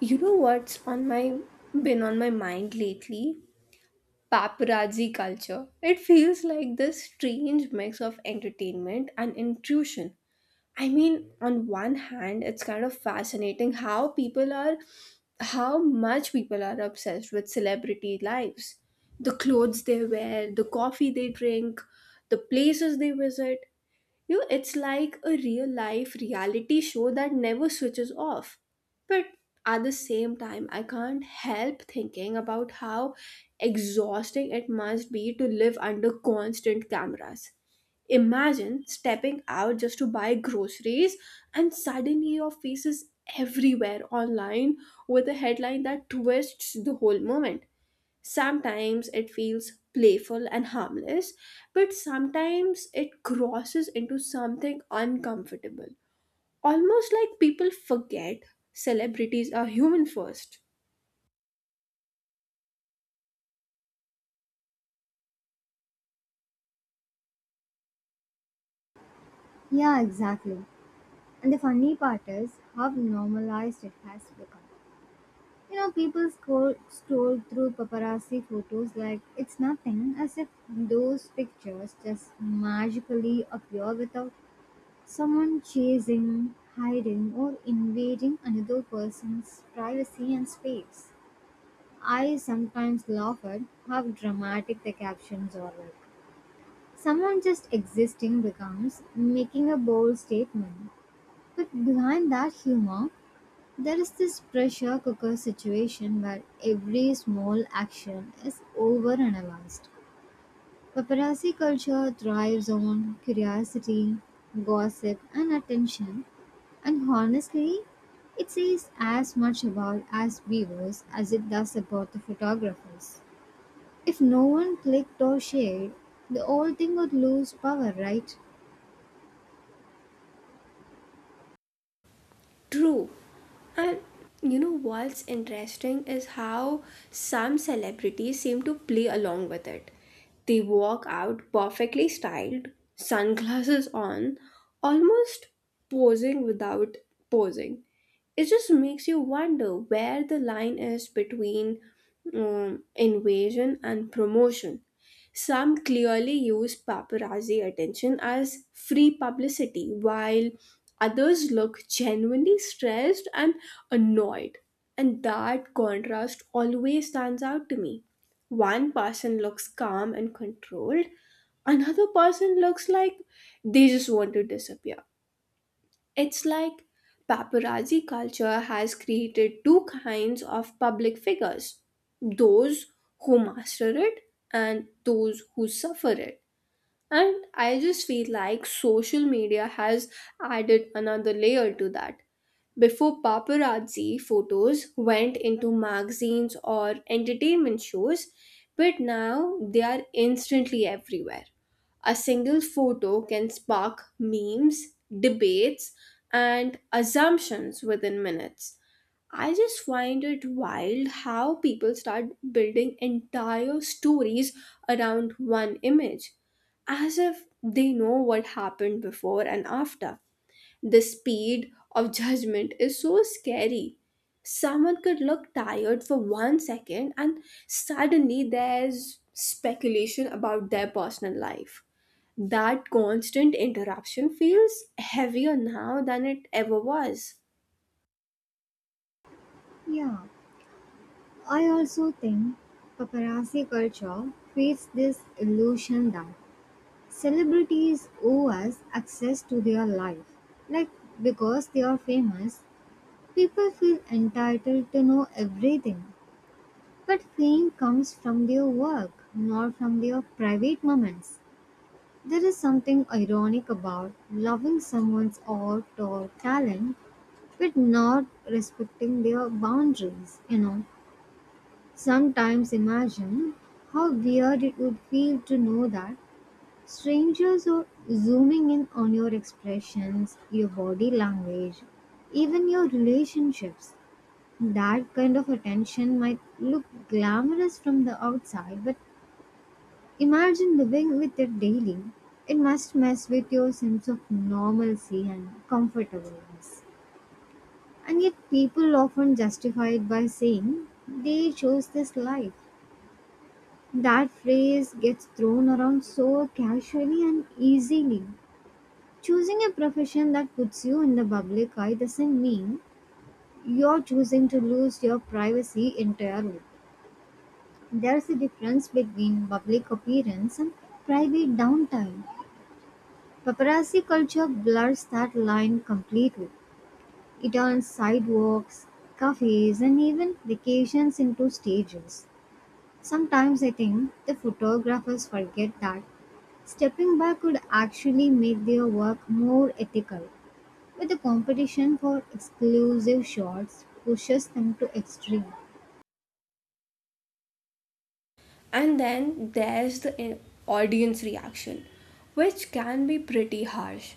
You know what's on my been on my mind lately? Paparazzi culture. It feels like this strange mix of entertainment and intrusion. I mean, on one hand, it's kind of fascinating how people are obsessed with celebrity lives. The clothes they wear, the coffee they drink, the places they visit. You know, it's like a real life reality show that never switches off. But at the same time, I can't help thinking about how exhausting it must be to live under constant cameras. Imagine stepping out just to buy groceries and suddenly your face is everywhere online with a headline that twists the whole moment. Sometimes it feels playful and harmless, but sometimes it crosses into something uncomfortable. Almost like people forget celebrities are human first. Yeah, exactly. And the funny part is how normalized it has become. You know, people scroll through paparazzi photos like it's nothing, as if those pictures just magically appear without someone chasing, hiding, or invading another person's privacy and space. I sometimes laugh at how dramatic the captions are like. Someone just existing becomes making a bold statement. But behind that humor, there is this pressure cooker situation where every small action is overanalyzed. Paparazzi culture thrives on curiosity, gossip, and attention, and honestly, it says as much about us viewers as it does about the photographers. If no one clicked or shared, the whole thing would lose power, right? True. And you know what's interesting is how some celebrities seem to play along with it. They walk out perfectly styled, sunglasses on, almost posing without posing. It just makes you wonder where the line is between invasion and promotion. Some clearly use paparazzi attention as free publicity, while others look genuinely stressed and annoyed. And that contrast always stands out to me. One person looks calm and controlled, another person looks like they just want to disappear. It's like paparazzi culture has created two kinds of public figures: those who master it and those who suffer it. And I just feel like social media has added another layer to that. Before, paparazzi photos went into magazines or entertainment shows, but now they are instantly everywhere. A single photo can spark memes, debates, and assumptions within minutes. I just find it wild how people start building entire stories around one image, as if they know what happened before and after. The speed of judgment is so scary. Someone could look tired for one second, and suddenly there's speculation about their personal life. That constant interruption feels heavier now than it ever was. Yeah. I also think paparazzi culture creates this illusion that celebrities owe us access to their life. Like, because they are famous, people feel entitled to know everything. But fame comes from their work, not from their private moments. There is something ironic about loving someone's art or talent, but not respecting their boundaries, you know. Sometimes imagine how weird it would feel to know that strangers are zooming in on your expressions, your body language, even your relationships. That kind of attention might look glamorous from the outside, but imagine living with it daily. It must mess with your sense of normalcy and comfortableness. And yet, people often justify it by saying they chose this life. That phrase gets thrown around so casually and easily. Choosing a profession that puts you in the public eye doesn't mean you're choosing to lose your privacy entirely. There's a difference between public appearance and private downtime. Paparazzi culture blurs that line completely. It turns sidewalks, cafes, and even vacations into stages. Sometimes I think the photographers forget that stepping back could actually make their work more ethical, but the competition for exclusive shots pushes them to extreme. And then there's the audience reaction, which can be pretty harsh.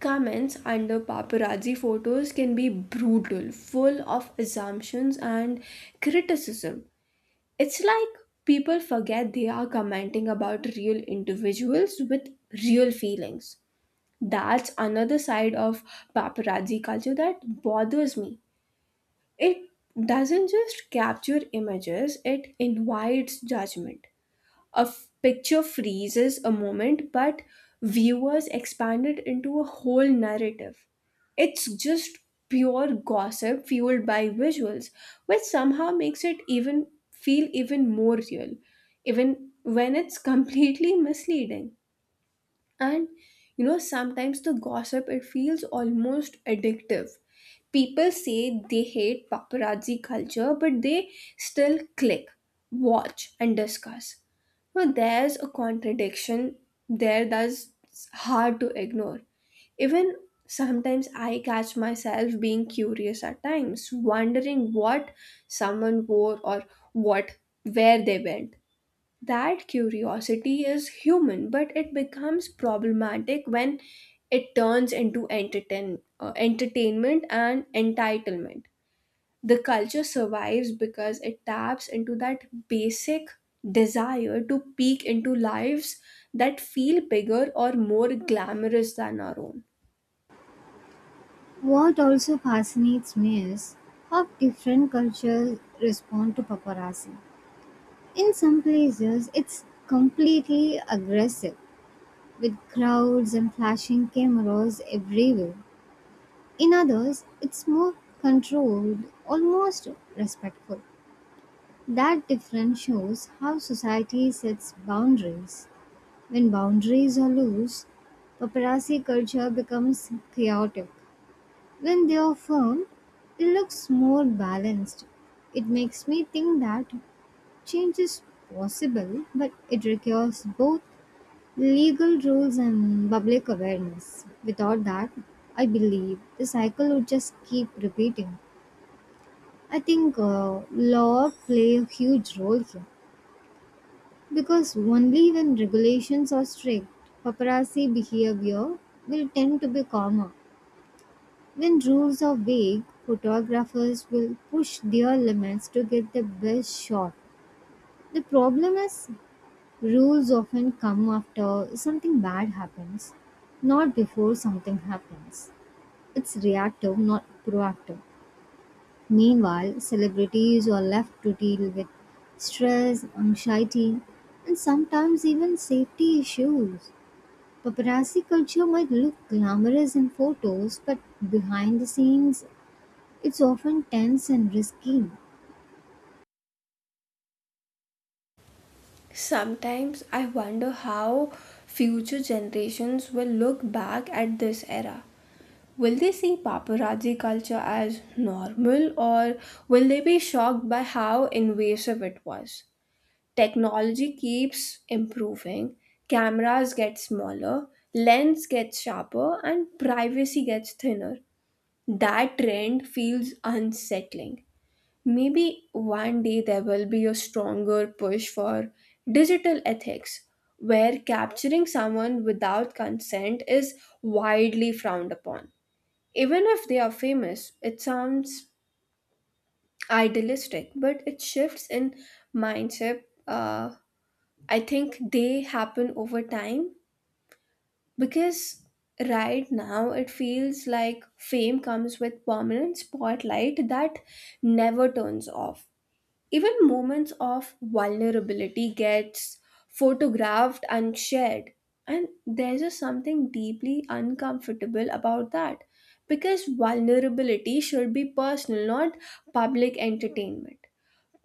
Comments under paparazzi photos can be brutal, full of assumptions and criticism. It's like people forget they are commenting about real individuals with real feelings. That's another side of paparazzi culture that bothers me. It doesn't just capture images, it invites judgment. A picture freezes a moment, but viewers expand it into a whole narrative. It's just pure gossip fueled by visuals, which somehow makes it even feel even more real, even when it's completely misleading. And you know, sometimes the gossip, it feels almost addictive. People say they hate paparazzi culture, but they still click, watch, and discuss. Now there's a contradiction there that's hard to ignore. Even sometimes I catch myself being curious at times, wondering what someone wore or what, where they went. That curiosity is human, but it becomes problematic when it turns into entertainment and entitlement. The culture survives because it taps into that basic desire to peek into lives that feel bigger or more glamorous than our own. What also fascinates me is how different cultures respond to paparazzi. In some places, it's completely aggressive, with crowds and flashing cameras everywhere. In others, it's more controlled, almost respectful. That difference shows how society sets boundaries. When boundaries are loose, paparazzi culture becomes chaotic. When they are firm, it looks more balanced. It makes me think that change is possible, but it requires both legal rules and public awareness. Without that, I believe the cycle would just keep repeating. I think law play a huge role here. Because only when regulations are strict, paparazzi behavior will tend to be calmer. When rules are vague, photographers will push their limits to get the best shot. The problem is, rules often come after something bad happens, not before something happens. It's reactive, not proactive. Meanwhile, celebrities are left to deal with stress, anxiety, and sometimes even safety issues. Paparazzi culture might look glamorous in photos, but behind the scenes, it's often tense and risky. Sometimes I wonder how future generations will look back at this era. Will they see paparazzi culture as normal, or will they be shocked by how invasive it was? Technology keeps improving, cameras get smaller, lens gets sharper, and privacy gets thinner. That trend feels unsettling. Maybe one day there will be a stronger push for digital ethics, where capturing someone without consent is widely frowned upon, even if they are famous. It sounds idealistic, but it shifts in mindset. I think, they happen over time, because right now it feels like fame comes with permanent spotlight that never turns off. Even moments of vulnerability gets photographed and shared. And there's just something deeply uncomfortable about that, because vulnerability should be personal, not public entertainment.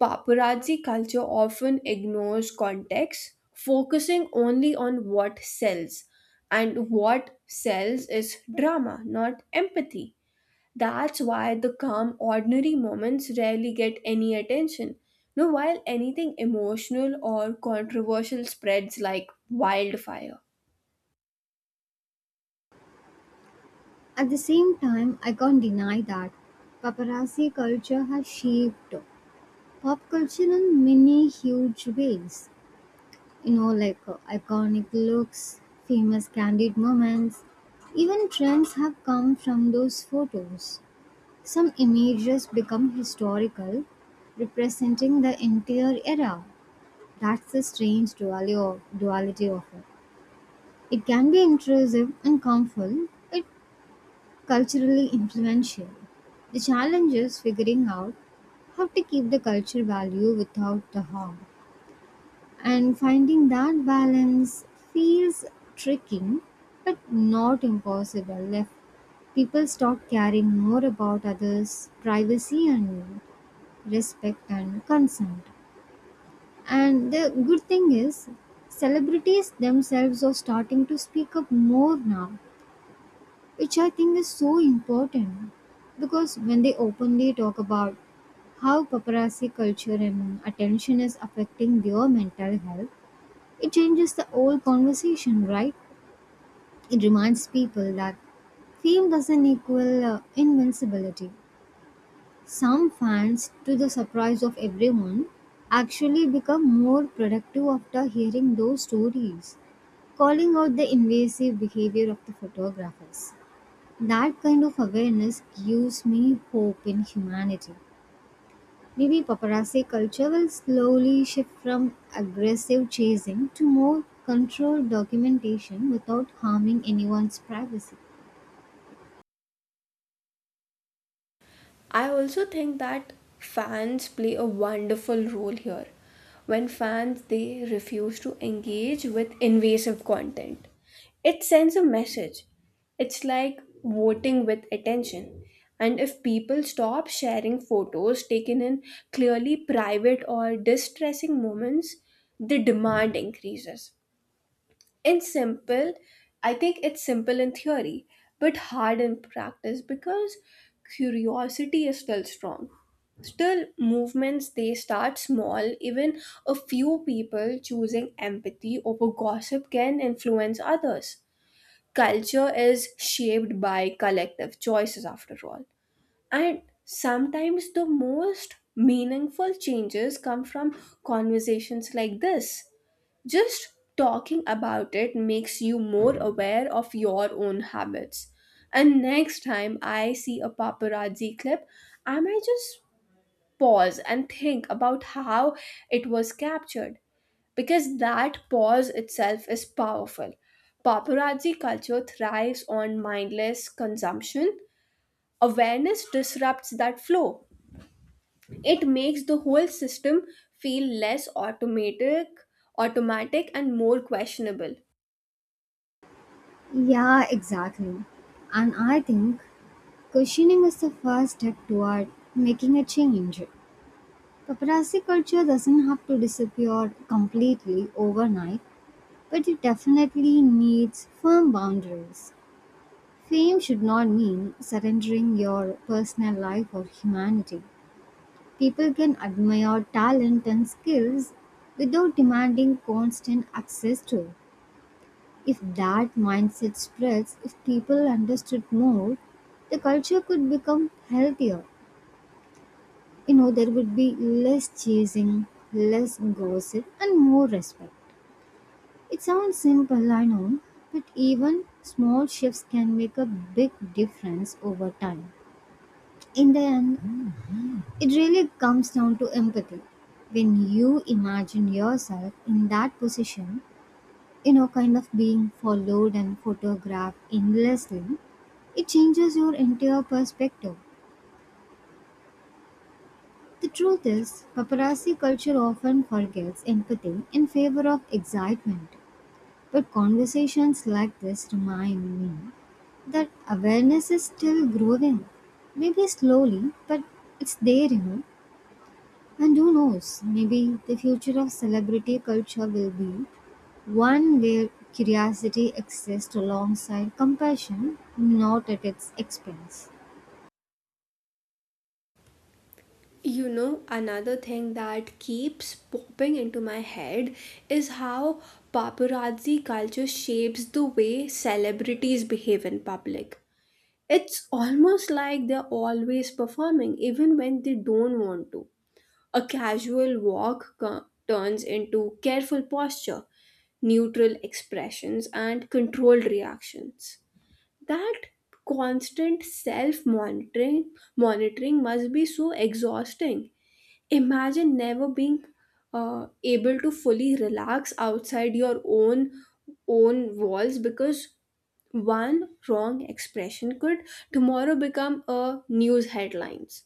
Paparazzi culture often ignores context, focusing only on what sells. And what sells is drama, not empathy. That's why the calm, ordinary moments rarely get any attention now, while anything emotional or controversial spreads like wildfire. At the same time, I can't deny that paparazzi culture has shaped pop culture in many huge ways. You know, like iconic looks, famous candid moments, even trends have come from those photos. Some images become historical, representing the entire era. That's the strange duality of it. It can be intrusive and harmful, it culturally influential. The challenge is figuring out how to keep the culture value without the harm. And finding that balance feels tricky but not impossible if people start caring more about others' privacy and respect and consent. And the good thing is, celebrities themselves are starting to speak up more now, which I think is so important. Because when they openly talk about how paparazzi culture and attention is affecting their mental health, it changes the whole conversation, right? It reminds people that fame doesn't equal invincibility. Some fans, to the surprise of everyone, actually become more productive after hearing those stories, calling out the invasive behavior of the photographers. That kind of awareness gives me hope in humanity. Maybe paparazzi culture will slowly shift from aggressive chasing to more controlled documentation without harming anyone's privacy. I also think that fans play a wonderful role here. When fans, they refuse to engage with invasive content, it sends a message. It's like voting with attention. And if people stop sharing photos taken in clearly private or distressing moments, the demand increases. It's simple. I think it's simple in theory, but hard in practice because curiosity is still strong. Still, movements, they start small. Even a few people choosing empathy over gossip can influence others. Culture is shaped by collective choices, after all. And sometimes the most meaningful changes come from conversations like this. Just talking about it makes you more aware of your own habits. And next time I see a paparazzi clip, I might just pause and think about how it was captured, because that pause itself is powerful. Paparazzi culture thrives on mindless consumption. Awareness disrupts that flow. It makes the whole system feel less automatic and more questionable. Yeah, exactly. And I think questioning is the first step toward making a change. Paparazzi culture doesn't have to disappear completely overnight, but it definitely needs firm boundaries. Fame should not mean surrendering your personal life or humanity. People can admire talent and skills without demanding constant access to it. If that mindset spreads, if people understood more, the culture could become healthier. You know, there would be less chasing, less gossip, and more respect. It sounds simple, I know, but even small shifts can make a big difference over time. In the end, it really comes down to empathy. When you imagine yourself in that position, you know, kind of being followed and photographed endlessly, it changes your entire perspective. The truth is, paparazzi culture often forgets empathy in favor of excitement. But conversations like this remind me that awareness is still growing. Maybe slowly, but it's there, you know. And who knows, maybe the future of celebrity culture will be one where curiosity exists alongside compassion, not at its expense. You know, another thing that keeps popping into my head is how paparazzi culture shapes the way celebrities behave in public. It's almost like they're always performing, even when they don't want to. A turns into careful posture, neutral expressions, and controlled reactions. That constant self monitoring must be so exhausting. Imagine never being able to fully relax outside your own walls because one wrong expression could tomorrow become a news headlines.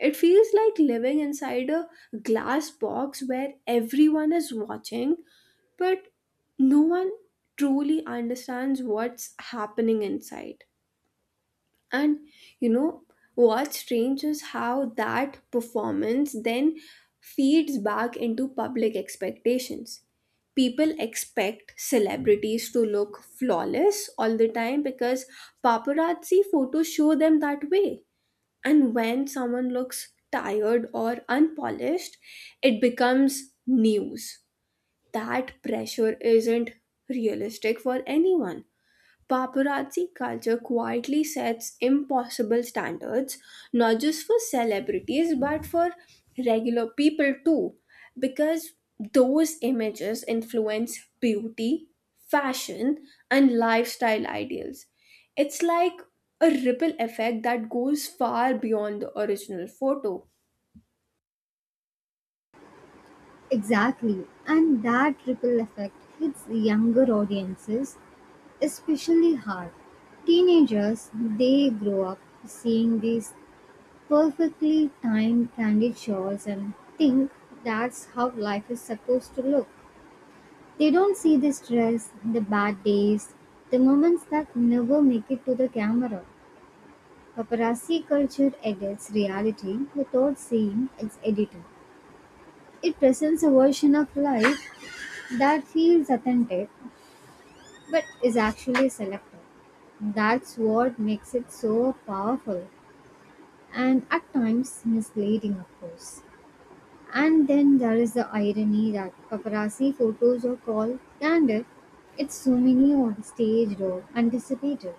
It feels like living inside a glass box where everyone is watching, but no one truly understands what's happening inside. And you know what's strange is how that performance then feeds back into public expectations. People expect celebrities to look flawless all the time because paparazzi photos show them that way, and when someone looks tired or unpolished, it becomes news. That pressure isn't realistic for anyone. Paparazzi culture quietly sets impossible standards, not just for celebrities, but for regular people too, because those images influence beauty, fashion, and lifestyle ideals. It's like a ripple effect that goes far beyond the original photo. Exactly, and that ripple effect hits younger audiences especially hard. Teenagers, they grow up seeing these perfectly timed candid showers and think that's how life is supposed to look. They don't see the stress, the bad days, the moments that never make it to the camera. Paparazzi culture edits reality without seeing its editor. It presents a version of life that feels authentic but is actually selective. That's what makes it so powerful and at times misleading, of course. And then there is the irony that paparazzi photos are called candid. It's so many on staged or anticipated.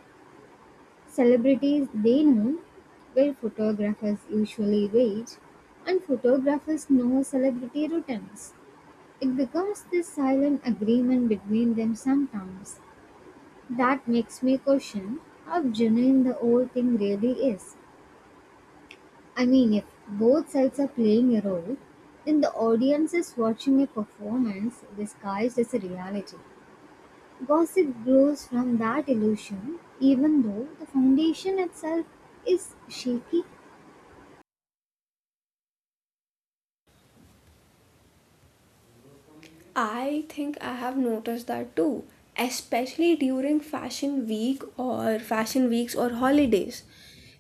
Celebrities they know where photographers usually wait, and photographers know celebrity routines. It becomes this silent agreement between them sometimes. That makes me question how genuine the whole thing really is. I mean, if both sides are playing a role, then the audience is watching a performance disguised as a reality. Gossip grows from that illusion, even though the foundation itself is shaky. I think I have noticed that too, especially during fashion weeks or holidays.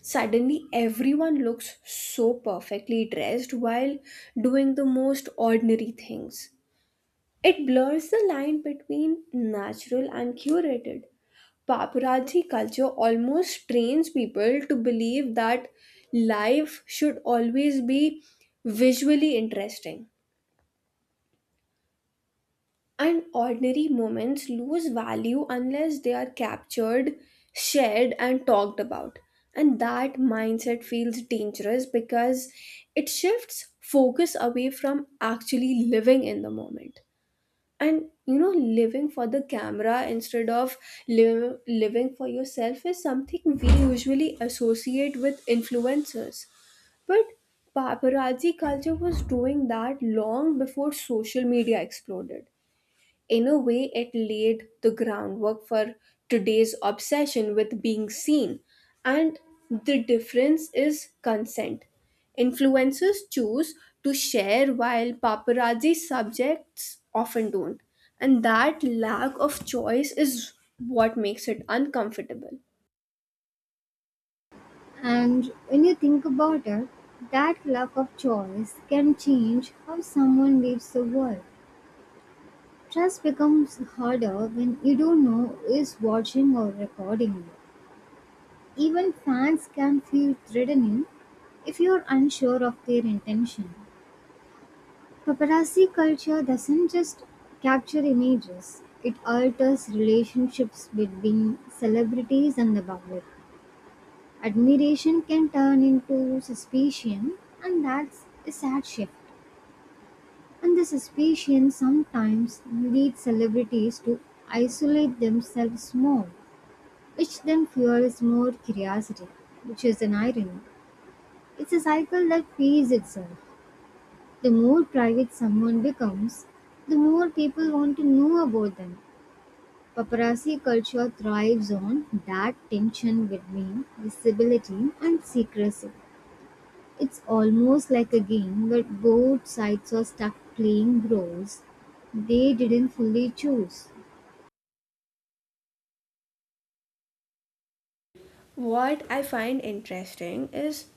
Suddenly, everyone looks so perfectly dressed while doing the most ordinary things. It blurs the line between natural and curated. Paparazzi culture almost trains people to believe that life should always be visually interesting, and ordinary moments lose value unless they are captured, shared, and talked about. And that mindset feels dangerous because it shifts focus away from actually living in the moment. And you know, living for the camera instead of living for yourself is something we usually associate with influencers. But paparazzi culture was doing that long before social media exploded. In a way, it laid the groundwork for today's obsession with being seen. And the difference is consent. Influencers choose to share, while paparazzi subjects often don't. And that lack of choice is what makes it uncomfortable. And when you think about it, that lack of choice can change how someone leaves the world. Trust becomes harder when you don't know who is watching or recording you. Even fans can feel threatening if you're unsure of their intention. Paparazzi culture doesn't just capture images, it alters relationships between celebrities and the public. Admiration can turn into suspicion, and that's a sad shift. And the suspicion sometimes leads celebrities to isolate themselves more, which then fuels more curiosity, which is an irony. It's a cycle that feeds itself. The more private someone becomes, the more people want to know about them. Paparazzi culture thrives on that tension between visibility and secrecy. It's almost like a game where both sides are stuck playing roles they didn't fully choose. What I find interesting is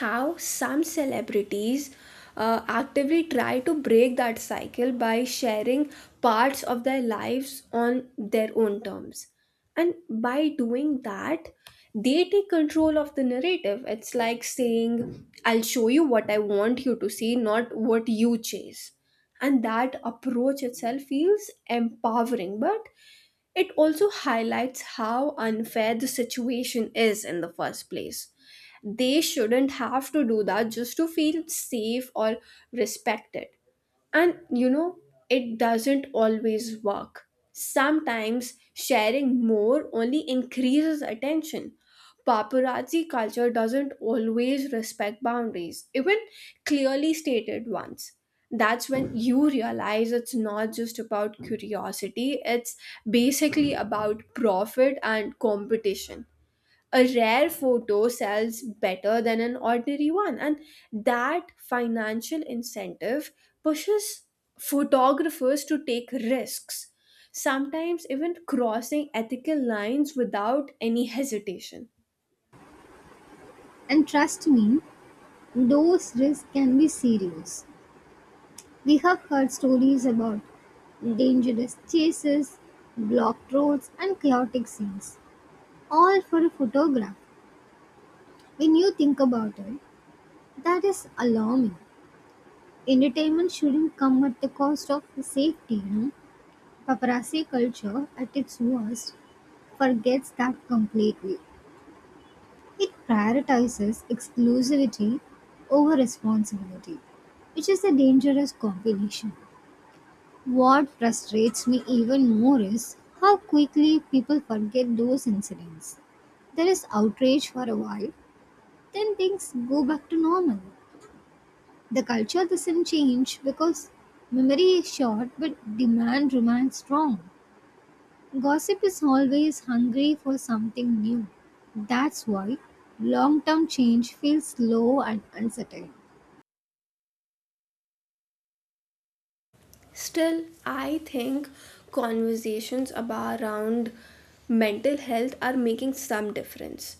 how some celebrities actively try to break that cycle by sharing parts of their lives on their own terms. And by doing that, they take control of the narrative. It's like saying, "I'll show you what I want you to see, not what you chase." And that approach itself feels empowering, but it also highlights how unfair the situation is in the first place. They shouldn't have to do that just to feel safe or respected. And you know, it doesn't always work. Sometimes sharing more only increases attention. Paparazzi culture doesn't always respect boundaries, even clearly stated ones. That's when you realize it's not just about curiosity, it's basically about profit and competition. A rare photo sells better than an ordinary one, and that financial incentive pushes photographers to take risks, sometimes even crossing ethical lines without any hesitation. And trust me, those risks can be serious. We have heard stories about dangerous chases, blocked roads and chaotic scenes. All for a photograph. When you think about it, that is alarming. Entertainment shouldn't come at the cost of safety, you know. Paparazzi culture, at its worst, forgets that completely. It prioritizes exclusivity over responsibility, which is a dangerous combination. What frustrates me even more is how quickly people forget those incidents. There is outrage for a while, then things go back to normal. The culture doesn't change because memory is short but demand remains strong. Gossip is always hungry for something new. That's why long term change feels slow and uncertain. Still, I think conversations about around mental health are making some difference.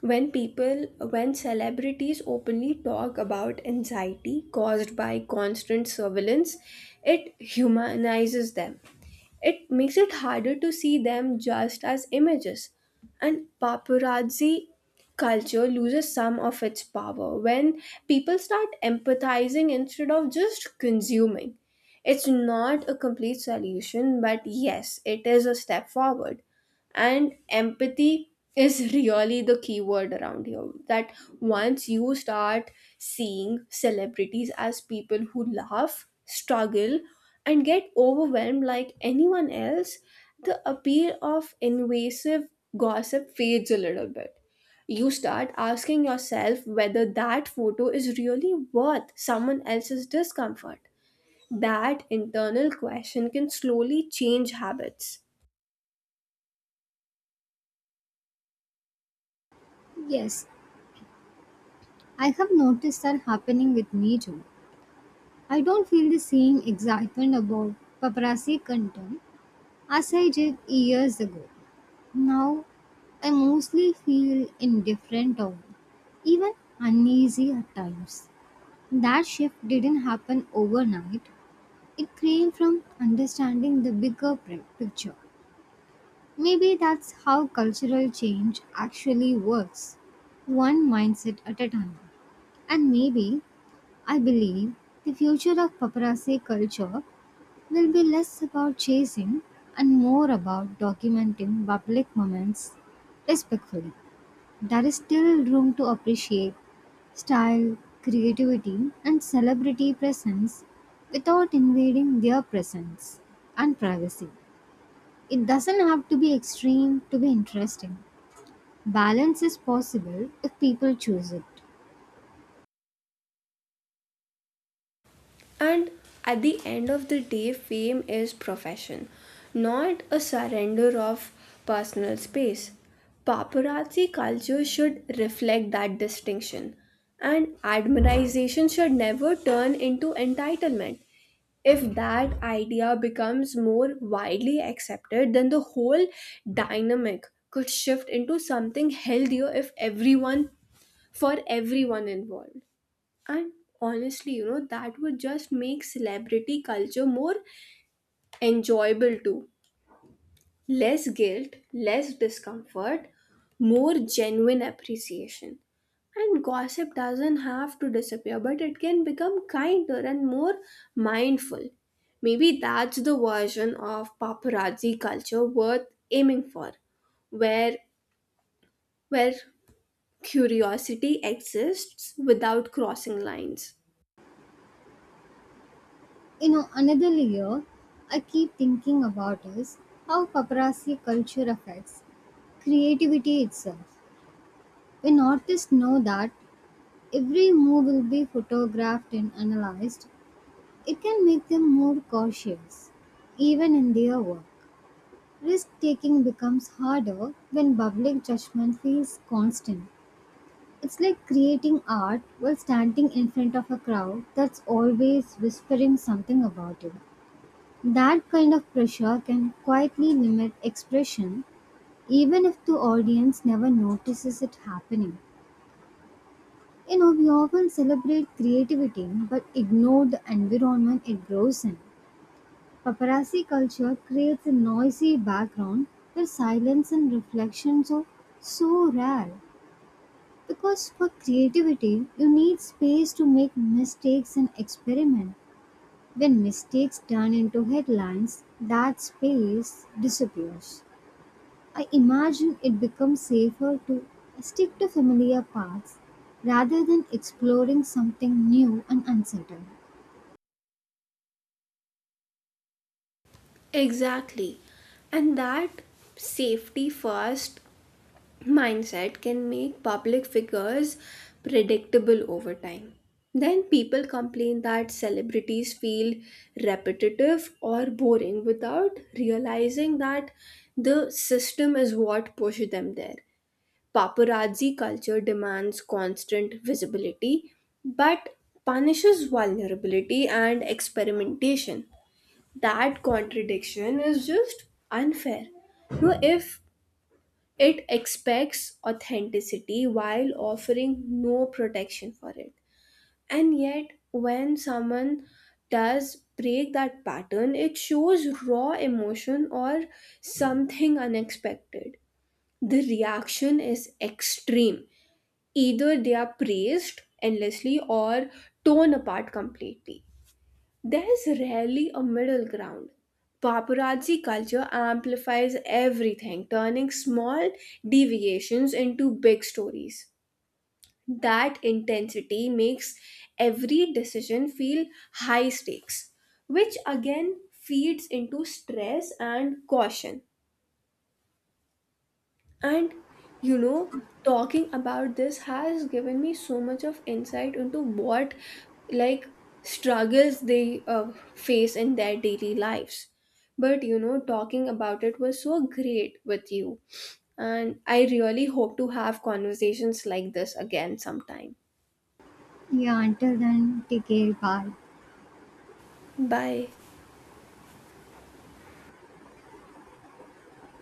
When people, when celebrities openly talk about anxiety caused by constant surveillance, it humanizes them. It makes it harder to see them just as images. And paparazzi culture loses some of its power when people start empathizing instead of just consuming. It's not a complete solution, but yes, it is a step forward. And empathy is really the key word around here. That once you start seeing celebrities as people who laugh, struggle, and get overwhelmed like anyone else, the appeal of invasive gossip fades a little bit. You start asking yourself whether that photo is really worth someone else's discomfort. That internal question can slowly change habits. Yes, I have noticed that happening with me too. I don't feel the same excitement about paparazzi content as I did years ago. Now, I mostly feel indifferent or even uneasy at times. That shift didn't happen overnight. It came from understanding the bigger picture. Maybe that's how cultural change actually works, one mindset at a time. And maybe, I believe, the future of paparazzi culture will be less about chasing and more about documenting public moments respectfully. There is still room to appreciate style, creativity, and celebrity presence without invading their presence and privacy. It doesn't have to be extreme to be interesting. Balance is possible if people choose it. And at the end of the day, fame is profession, not a surrender of personal space. Paparazzi culture should reflect that distinction, and admiration should never turn into entitlement. If that idea becomes more widely accepted, then the whole dynamic could shift into something healthier if everyone, for everyone involved. And honestly, you know, that would just make celebrity culture more enjoyable too. Less guilt, less discomfort, more genuine appreciation. And gossip doesn't have to disappear, but it can become kinder and more mindful. Maybe that's the version of paparazzi culture worth aiming for, where where curiosity exists without crossing lines. You know, another layer I keep thinking about is how paparazzi culture affects creativity itself. When artists know that every move will be photographed and analyzed, it can make them more cautious, even in their work. Risk taking becomes harder when public judgment feels constant. It's like creating art while standing in front of a crowd that's always whispering something about it. That kind of pressure can quietly limit expression, even if the audience never notices it happening. You know, we often celebrate creativity but ignore the environment it grows in. Paparazzi culture creates a noisy background where silence and reflections are so rare. Because for creativity, you need space to make mistakes and experiment. When mistakes turn into headlines, that space disappears. I imagine it becomes safer to stick to familiar paths rather than exploring something new and uncertain. Exactly. And that safety first mindset can make public figures predictable over time. Then people complain that celebrities feel repetitive or boring without realizing that the system is what pushed them there. Paparazzi culture demands constant visibility but punishes vulnerability and experimentation. That contradiction is just unfair. You know, if it expects authenticity while offering no protection for it. And yet, when someone does break that pattern, it shows raw emotion or something unexpected. The reaction is extreme. Either they are praised endlessly or torn apart completely. There is rarely a middle ground. Paparazzi culture amplifies everything, turning small deviations into big stories. That intensity makes every decision feel high stakes, which again feeds into stress and caution. And you know, talking about this has given me so much of insight into what like struggles they face in their daily lives. But you know, talking about it was so great with you. And I really hope to have conversations like this again sometime. Yeah, until then, take care. Bye. Bye.